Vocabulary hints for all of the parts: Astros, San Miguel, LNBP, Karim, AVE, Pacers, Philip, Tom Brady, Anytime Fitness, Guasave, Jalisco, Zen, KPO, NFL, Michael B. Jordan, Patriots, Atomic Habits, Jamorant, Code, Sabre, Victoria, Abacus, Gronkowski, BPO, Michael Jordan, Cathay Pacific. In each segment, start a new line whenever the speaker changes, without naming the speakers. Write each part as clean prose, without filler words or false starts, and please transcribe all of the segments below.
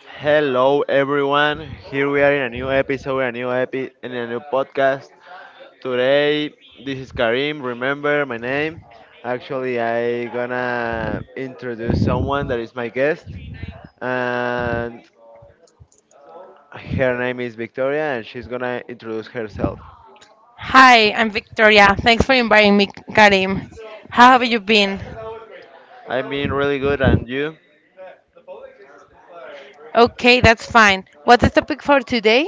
Hello everyone. Here we are in a new episode, in a new podcast. Today this is Karim. Remember my name. Actually, I gonna introduce someone that is my guest, and her name is Victoria, and she's gonna introduce herself.
Hi, I'm Victoria. Thanks for inviting me, Karim. How have you been?
I'm being really good, and you?
Okay, that's fine. What's the topic for today?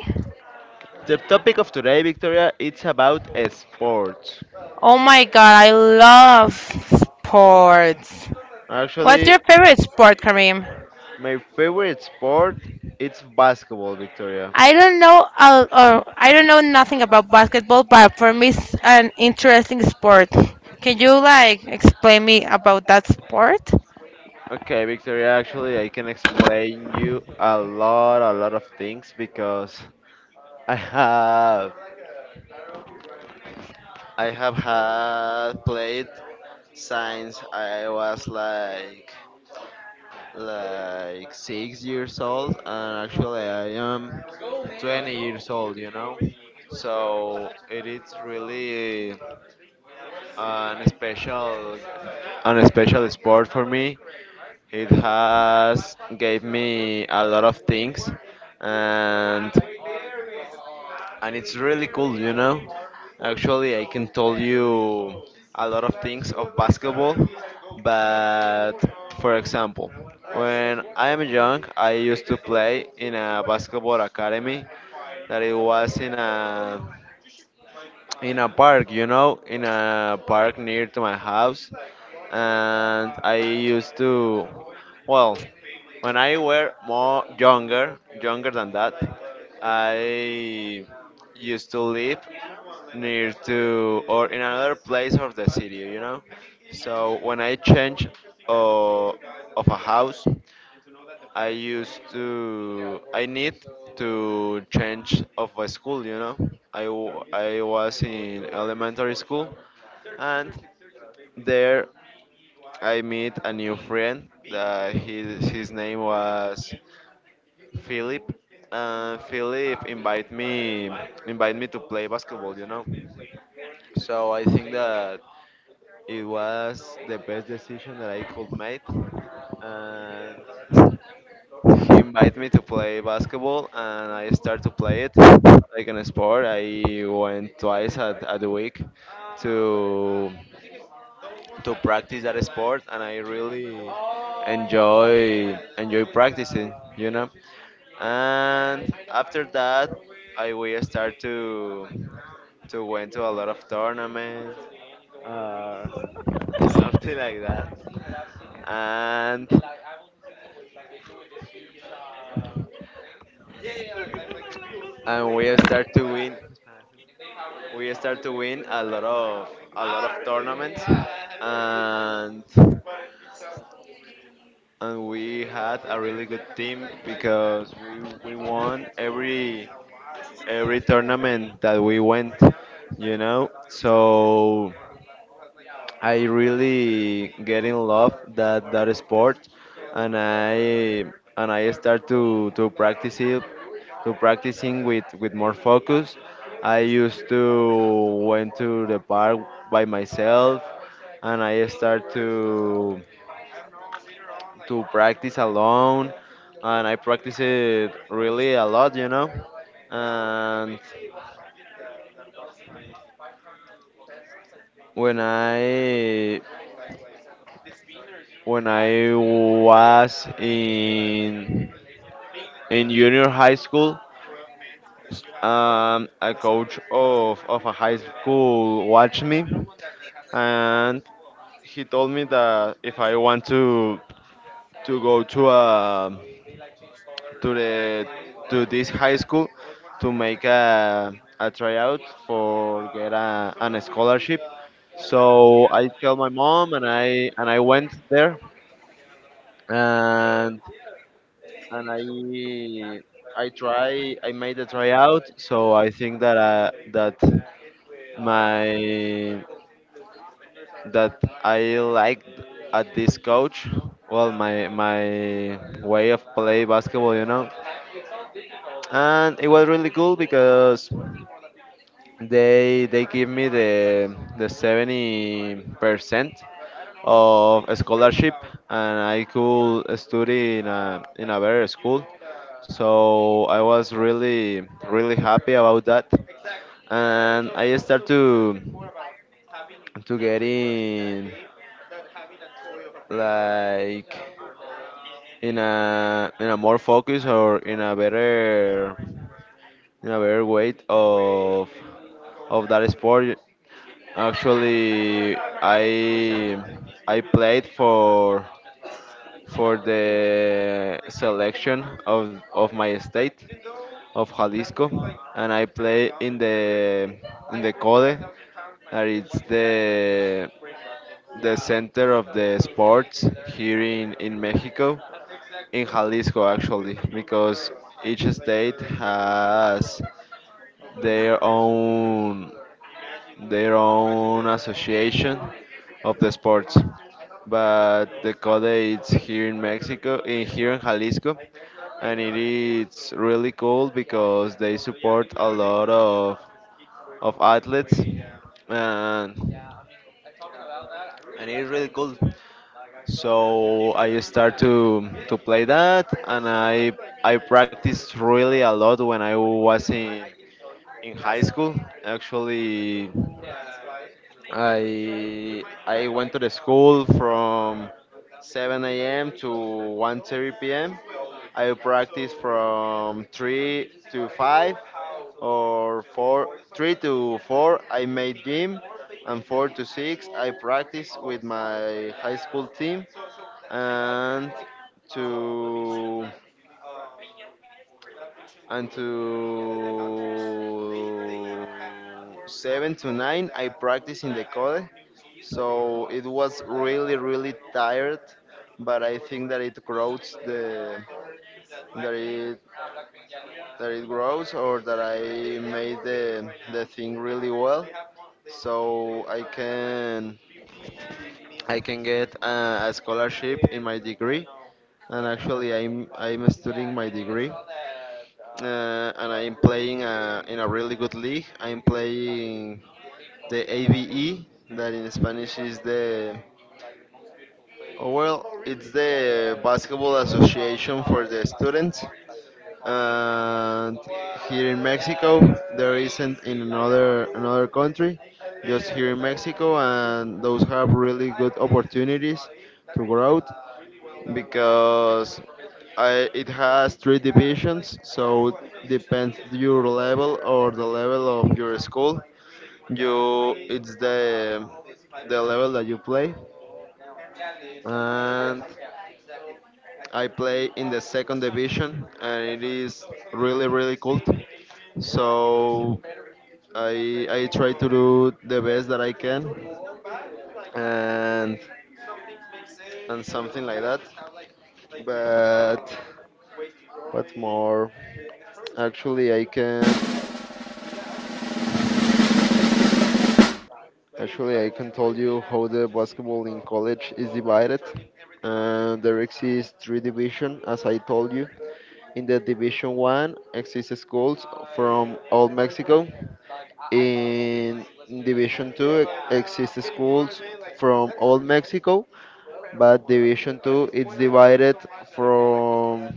The topic of today, Victoria, it's about sports.
Oh my god, I love sports. What's
Actually,
your favorite sport, Karim?
my favorite sport it's basketball, Victoria.
I don't know. I don't know nothing about basketball, but for me, it's an interesting sport. Can you like explain me about that sport?
Okay, Victoria, actually, I can explain you a lot of things because I have, I have had played since I was like 6 years old, and actually, I am 20 years old. So it is really an special, an special sport for me. It has gave me a lot of things, and and it's really cool. Actually, I can tell you a lot of things of basketball, but for example, when I am young, I used to play in a basketball academy that it was in a park, in a park near to my house, and I used to, well, when I were more younger, younger than that, I used to live near to or in another place of the city. So when I change of a house, I need to change of a school. I was in elementary school, and there I met a new friend that his name was Philip. Philip invite me to play basketball. So I think that it was the best decision that I could make. And he invited me to play basketball, and I started to play it like an sport. I went twice at the week to to practice that sport, and I really enjoy practicing. And after that, I will start to went to a lot of tournaments or something like that, and. and we start to win a lot of tournaments, and and we had a really good team because we won every tournament that we went. So I really get in love that sport, and i and I start to practice it to practicing with more focus. I used to went to the park by myself, and I start to practice alone, and I practice it really a lot. And when I when I was in junior high school, a coach of a high school watched me, and he told me that if I want to go to a to the to this high school to make a tryout for get an scholarship. So I tell my mom, and I went there, and and I made a tryout. So I think that that my that I liked at this coach. Well, my way of play basketball, and it was really cool because they give me the 70% of a scholarship, and I could study in a better school. So I was really really happy about that, and I start to get in like in a more focus or in a better weight of that sport. Actually, I I played for the selection of my state of Jalisco, and I play in the Code, that is the center of the sports here in Mexico in Jalisco actually because each state has their own their own association of the sports. But the code is here in Mexico, in here in Jalisco, and it is really cool because they support a lot of athletes, and and it is really cool. So I start to play that, and I practiced really a lot when I was in high school. Actually, I went to the school from 7 a.m. to 1:30 p.m. I practice from 3 to 5 or 4 3 to 4 I made gym, and 4 to 6 I practice with my high school team, and to and to 7 to 9 I practice in the Code. So it was really really tired, but I think that it that it that it grows or that I made the thing really well, so I can get a scholarship in my degree. And actually I'm studying my degree, and I'm playing in a really good league. I'm playing the AVE, that in Spanish is the, oh, well, it's the Basketball Association for the students. And here in Mexico, there isn't in another country, just here in Mexico, and those have really good opportunities to grow because it has three divisions, so depends your level or the level of your school. It's the level that you play, and I play in the second division, and it is really really cool. So I try to do the best that I can, and and something like that. But what's more, actually, I can tell you how the basketball in college is divided. There exists three division, as I told you. In the division one exists schools from all Mexico. In Division 2 exist schools from all Mexico, but Division 2 is divided from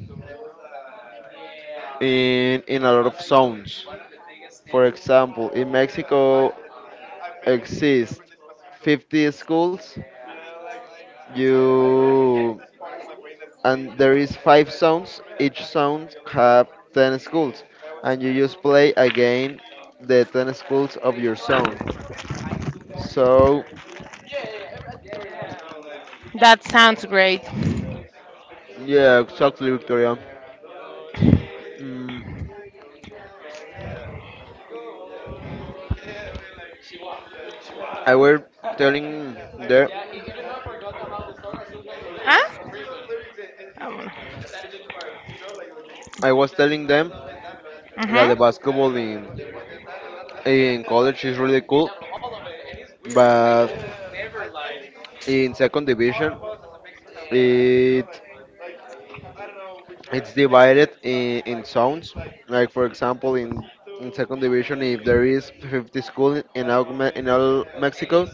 in a lot of zones. For example, in Mexico exist 50 schools. You and there is five zones. Each zone have 10 schools, and you just play again the 10 schools of your zone. So,
That sounds great.
yeah, exactly, Victoria. Mm, I were telling there.
Huh? Mhm.
I was telling them that the basketball in college is really cool, but in second division, it it's divided in zones. Like for example, in second division, if there is 50 schools in all, in all Mexico,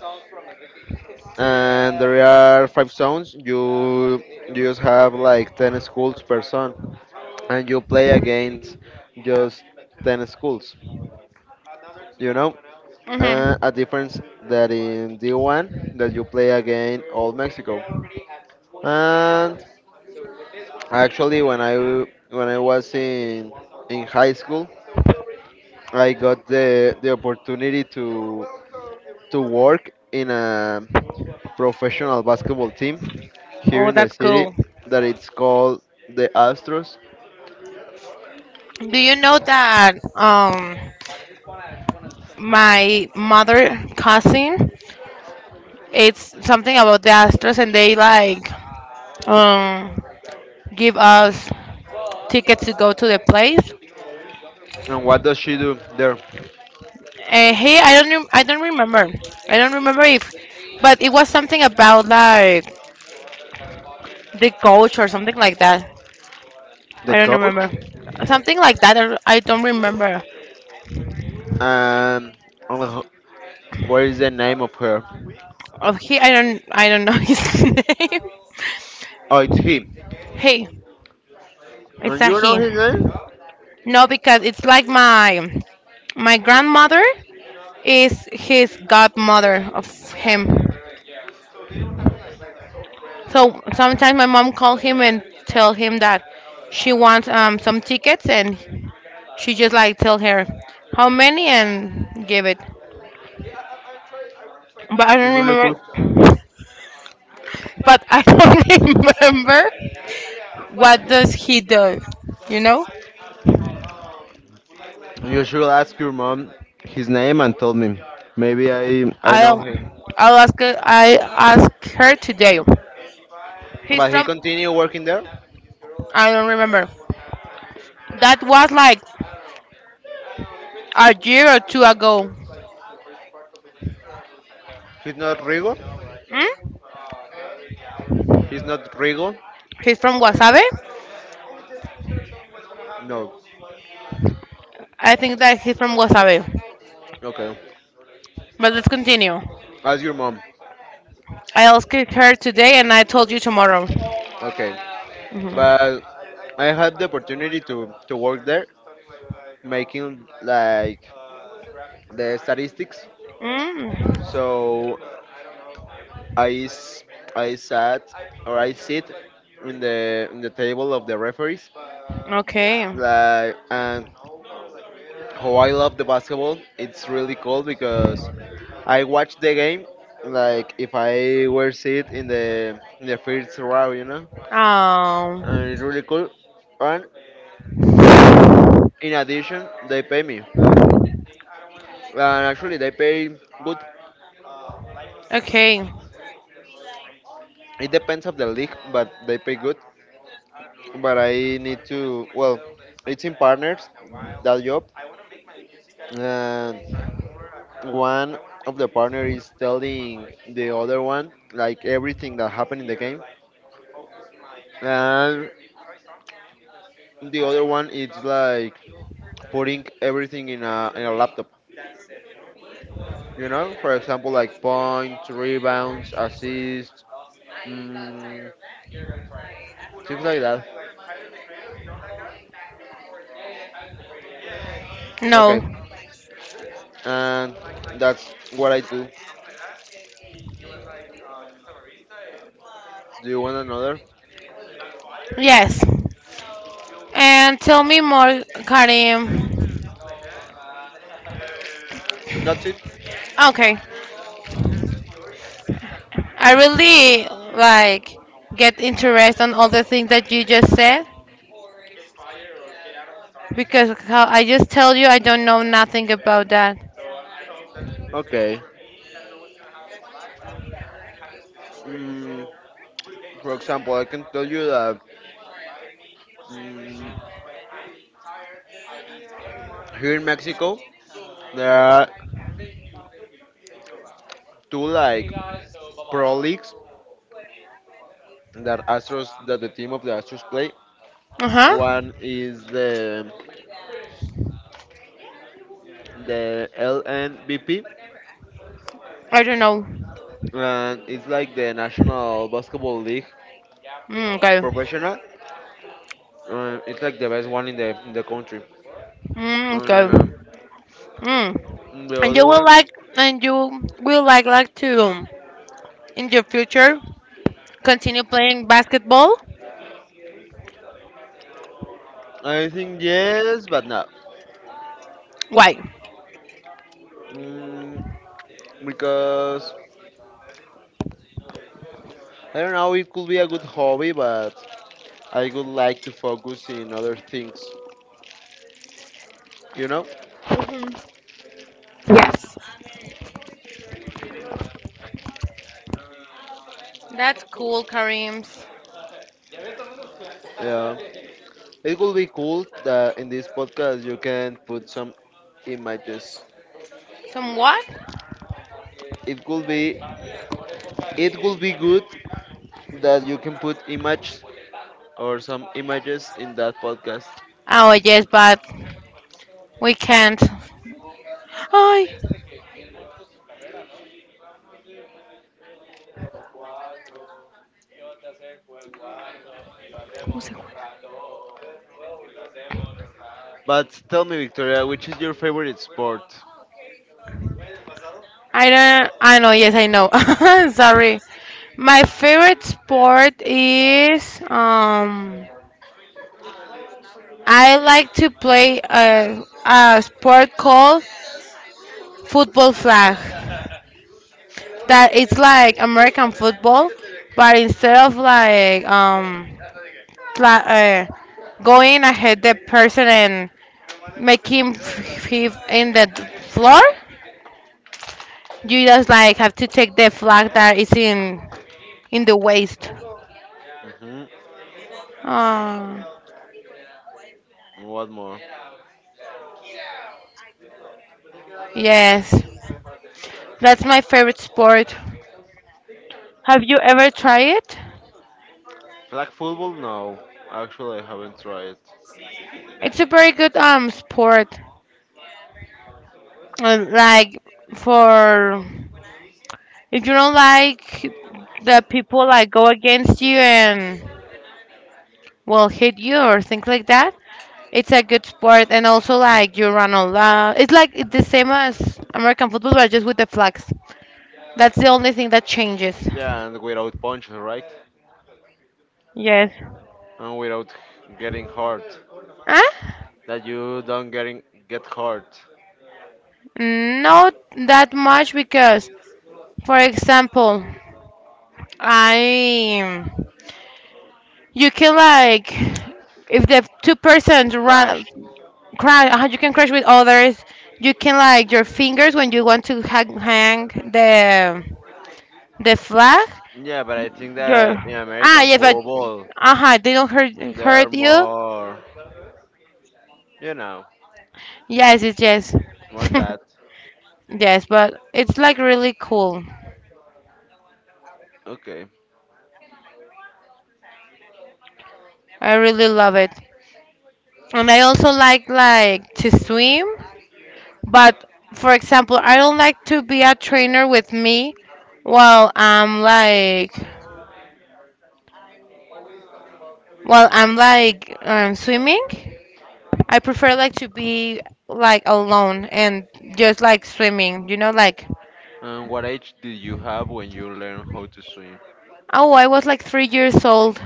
and there are five zones, you just have like 10 schools per zone, and you play against just 10 schools you know
Mhm.
a difference that in D1, that you play against all Mexico. And actually when I was in high school, I got the opportunity to work in a professional basketball team here
Oh,
in the
that's
city
cool.
that it's called the Astros.
Do you know that my mother cousin it's something about the Astros, and they like um give us tickets to go to the place.
And what does she do there?
And he I don't rem- I don't remember. I don't remember if, but it was something about like the coach or something like that.
The
I don't
coach.
remember. Something like that. I don't remember.
Um I what is the name of her?
Of he I don't know his name.
Oh, it's he.
Hey, it's
And
a
you know
he.
his name?
No, because it's like my grandmother is his godmother of him. So sometimes my mom call him and tell him that she wants some tickets, and she just like tell her how many and give it. But I
It's
don't
really cool.
remember. But I don't remember what does he do. You know,
You should ask your mom his name and tell me. Maybe I know
I'll
him.
I'll ask her, I ask her today. He's
But he
from.
continue working there.
I don't remember. That was like a year or two ago.
He's not Rigo.
Hmm.
He's not Rigo.
He's from Guasave?
No.
I think that he's from Guasave.
Okay.
But let's continue.
Ask your mom.
I asked her today and I told you tomorrow.
Okay,
Hmm.
but I had the opportunity to work there, making like the statistics.
Mm,
So I s- I sat or I sit in the table of the referees.
okay.
Like and how I love the basketball, it's really cool because I watch the game like if I were sit in the first row,
Um,
and it's really cool. And in addition, they pay me. And actually, they pay good.
okay.
It depends of the league, but they pay good. But I need to. Well, it's in partners that job, and one of the partner is telling the other one like everything that happened in the game, and the other one is like putting everything in a laptop. For example, like points, rebounds, assists. Mm, Things like that. Okay.
No.
And that's what I do. Do you want another?
Yes. And tell me more, Karim.
That's it.
Okay. I really like get interest on all the things that you just said because how I just tell you I don't know nothing about that.
Okay. Mm, for example, I can tell you that, mm, here in Mexico, there are two like pro leagues that the team of the Astros play.
Uh huh.
One is the LNBP,
I don't know.
and it's like the National Basketball League
Mm, okay.
professional. It's like the best one in the country.
Mm, okay.
Um
Mm.
the
And you
other
will
one,
like, and you will like to in your future continue playing basketball?
I think yes, but no,
Why?
mm, because I don't know. It could be a good hobby, but I would like to focus in other things. you know
Mhm. Yes. That's cool, Karim's.
yeah, it would be cool that in this podcast you can put some images.
Somewhat?
it could be it would be good that you can put images or some images in that podcast.
Oh yes, but we can't. Ay, ¿cómo se juega?
But tell me, Victoria, which is your favorite sport?
I don't. I know. Yes, I know. Sorry. My favorite sport is. I like to play a sport called football flag, that it's like American football, but instead of like pla- uh, going ahead the person and make him f- f- in the d- floor, you just like have to take the flag that is in the waist.
Hmm.
Oh,
What more?
yes, that's my favorite sport. Have you ever tried it?
Flag football. No, actually I haven't tried.
It's a very good sport. Like for, if you don't like the people like go against you and will hit you or things like that. It's a good sport, and also like you run a lot. It's like it's the same as American football, but just with the flags. That's the only thing that changes.
Yeah, and without punches, right?
Yes.
And without getting hurt.
Huh?
That you don't get hurt.
Not that much because, for example, I you can like if the two persons
Rash.
run crash, you can crash with others. You can like your fingers when you want to hang the flag.
Yeah, but I think
Girl.
that in
Ah,
American
yeah, but
football
uh-huh, they don't
there are
hurt you.
more. You know,
Yes, yes, yes.
more that.
Yes, but it's like really cool.
Okay.
I really love it. And I also like to swim, but for example, I don't like to be a trainer with me while I'm while I'm like swimming. I prefer like to be like alone and just like swimming, you know, like
And what age did you have when you learned how to swim?
oh, I was like 3 years old.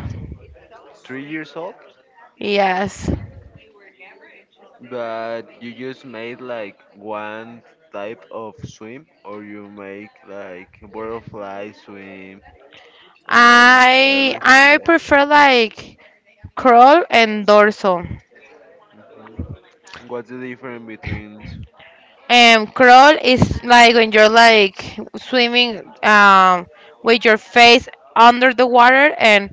3 years old?
Yes.
But you just made like one type of swim, or you make like butterfly swim and
I
everything else?
prefer like crawl and dorsal.
What's the difference between?
And crawl is like when you're like swimming with your face under the water, and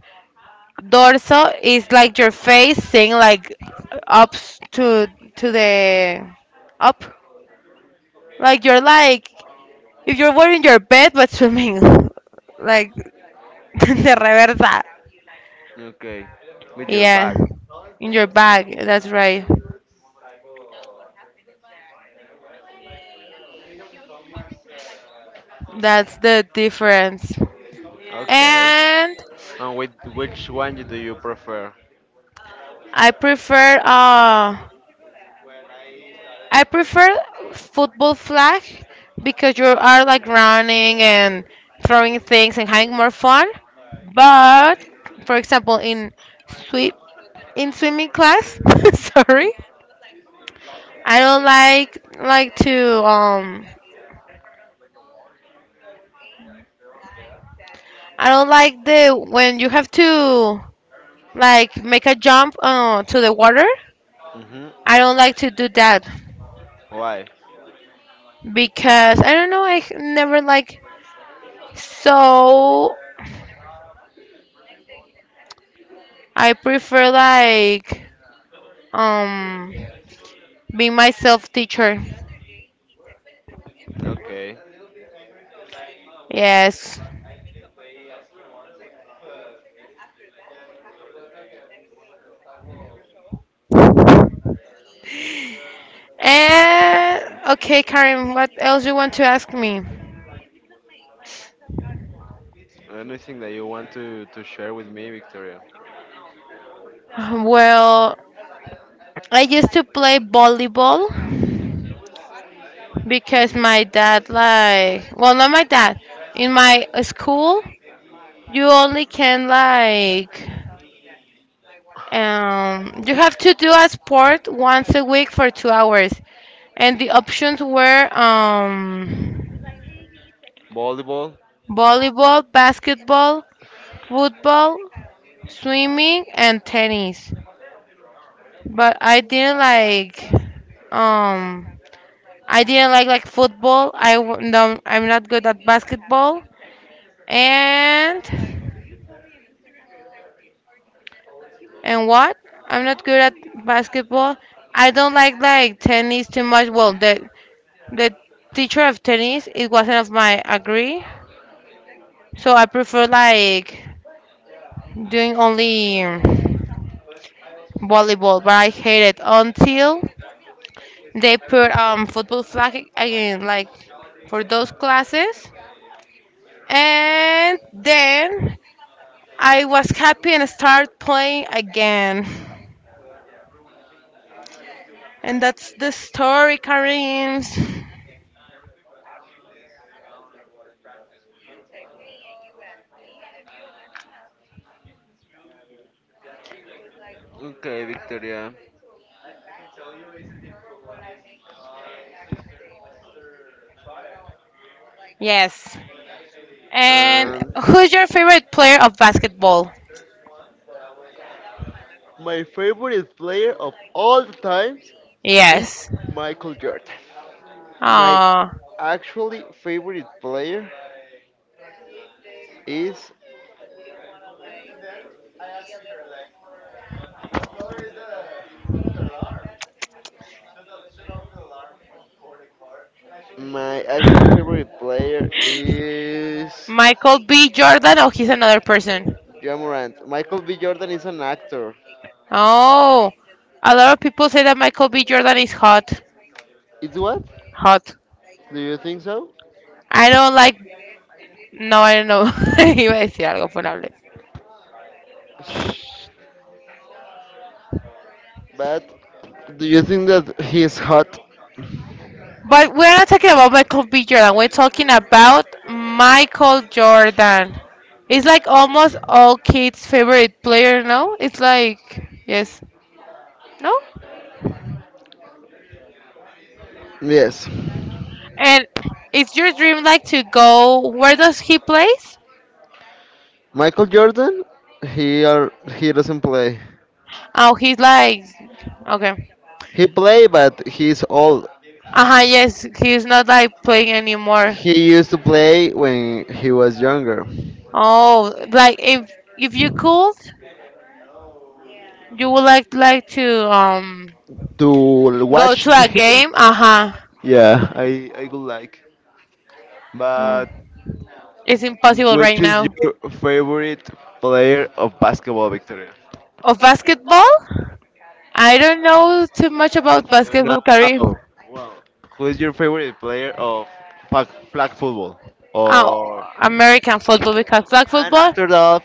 dorsal is like your face thing like up s- to to the up, like you're like if you're wearing your bed but swimming like the reversa.
Okay, with your
Yeah,
back.
in your bag. That's right. That's the difference.
Okay.
And
And with which one do you prefer?
I prefer uh I prefer football flag because you are like running and throwing things and having more fun. But for example, in sweep in swimming class, sorry, I don't like to I don't like the when you have to like make a jump to the water.
Mm-hmm.
I don't like to do that
Why?
because I don't know I never like, so I prefer like um being myself teacher.
Okay.
Yes. And okay, Karen, what else you want to ask me?
Anything that you want to share with me, Victoria?
Well, I used to play volleyball because
Hmm.
my dad like, well, not my dad. In my school you only can like you have to do a sport once a week for 2 hours, and the options were
Volleyball?
volleyball, basketball, football, swimming, and tennis. But um I didn't like football. No, I'm not good at basketball. And and what? I'm not good at basketball. I don't like tennis too much. Well, the teacher of tennis it wasn't of my agree, so I prefer like doing only volleyball. But I hate it until they put football flag again, like for those classes, and then I was happy and started playing again. And that's the story, Karim.
Okay, Victoria.
Yes. And
And
who's your favorite player of basketball?
my favorite player of all the times is
Yes.
Michael Jordan. My
Uh,
actually favorite player is My actual favorite player is
Michael B. Jordan. Oh, he's another person.
Jamorant. Michael B. Jordan is an actor.
Oh, a lot of people say that Michael B. Jordan is hot.
It's what?
Hot.
Do you think so?
I don't like. No, I don't know. Iba a decir algo funable.
Shh. But do you think that he is hot?
But we're not talking about Michael B. Jordan. We're talking about Michael Jordan. It's like almost all kids' favorite player, no? It's like, yes, no?
Yes.
And it's your dream like to go, where does he plays?
Michael Jordan, he are, he doesn't play.
Oh, he's like, okay.
He play, but he's old.
Uh-huh, yes, he's not like playing anymore.
He used to play when he was younger.
Oh, like if you could, you would like to
To
go
watch
to a
him.
game? Uh-huh.
Yeah, I would like.
Um,
But
it's impossible
which
right
is
now.
your favorite player of basketball, Victoria?
Of basketball? I don't know too much about
No.
basketball, Karim.
No. Who is your favorite player of flag football?
Oh,
Or
American football because flag
And
football?
after that,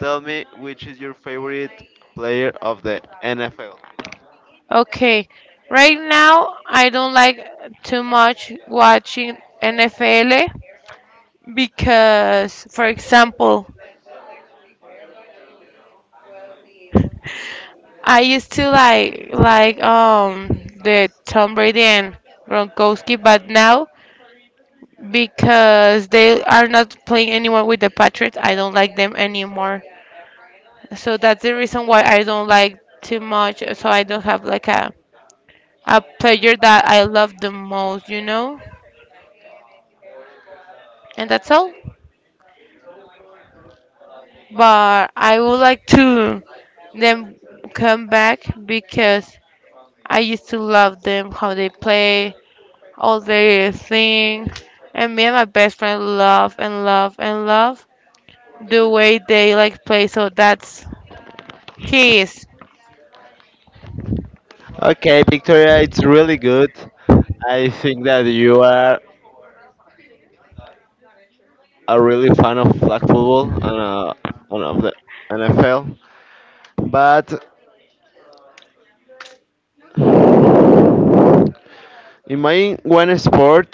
tell me which is your favorite player of the NFL.
Okay. Right now, I don't like too much watching NFL because, for example, I used to like the Tom Brady and Gronkowski, but now because they are not playing anymore with the Patriots, I don't like them anymore. So that's the reason why I don't like too much. So I don't have like a player that I love the most, you know. And that's all. But I would like to them come back because I used to love them how they play, all their thing. And me and my best friend love and love and love the way they like play. So that's his.
Okay, Victoria, it's really good. I think that you are a really fan of flag football and of the NFL. But imagine one sport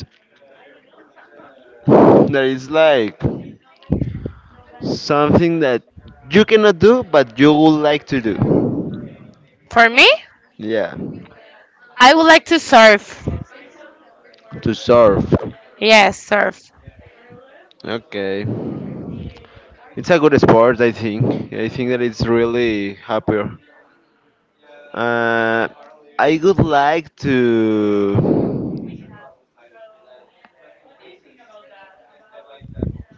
that is like something that you cannot do, but you would like to do.
For me,
Yeah,
I would like to surf.
to surf.
Yes, surf.
Okay, it's a good sport. I think. I think that it's really happier. Uh, I would like to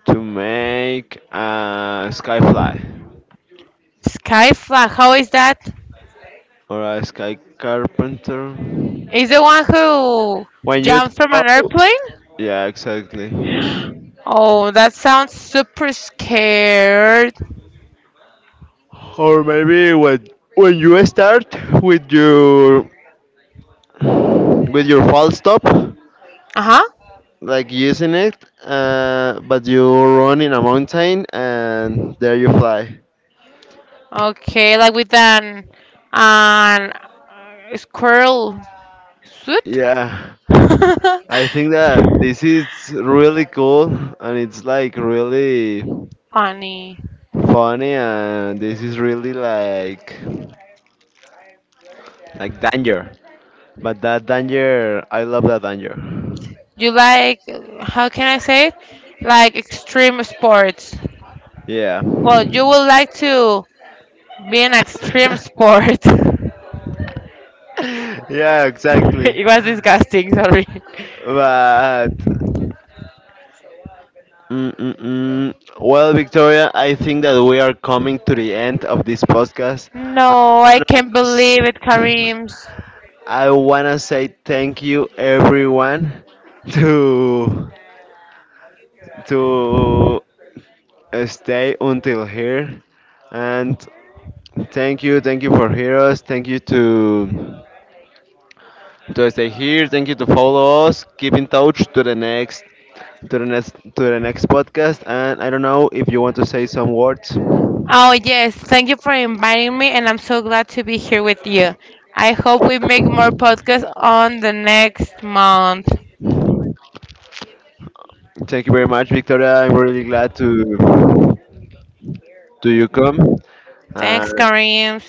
to make a skyfly
Sky flag. How is that?
or a sky carpenter.
Is the one who
When you
jumped from
throw,
an airplane?
yeah, exactly.
Oh, that sounds super scared.
Or maybe when you start with your with your false stop,
Uh huh.
like using it, but you run in a mountain and there you fly.
Okay, like with an squirrel suit.
Yeah, I think that this is really cool and it's like really
Funny.
funny and this is really like danger. But that danger, I love that danger.
You like, how can I say it? Like extreme sports.
Yeah.
Well, you would like to be an extreme sport.
Yeah, exactly.
It was disgusting. Sorry.
But mm, mm, mm. well, Victoria, I think that we are coming to the end of this podcast.
No, I
I
can't
S-
believe it, Kareems.
I wanna say thank you, everyone, to to stay until here, and thank you for hearing us. Thank you to stay here. Thank you to follow us. Keep in touch to the next podcast. And I don't know if you want to say some words.
Oh, yes. Thank you for inviting me, and I'm so glad to be here with you. I hope we make more podcasts on the next month.
Thank you very much, Victoria. I'm really glad to you come.
Thanks,
Uh,
Kareem.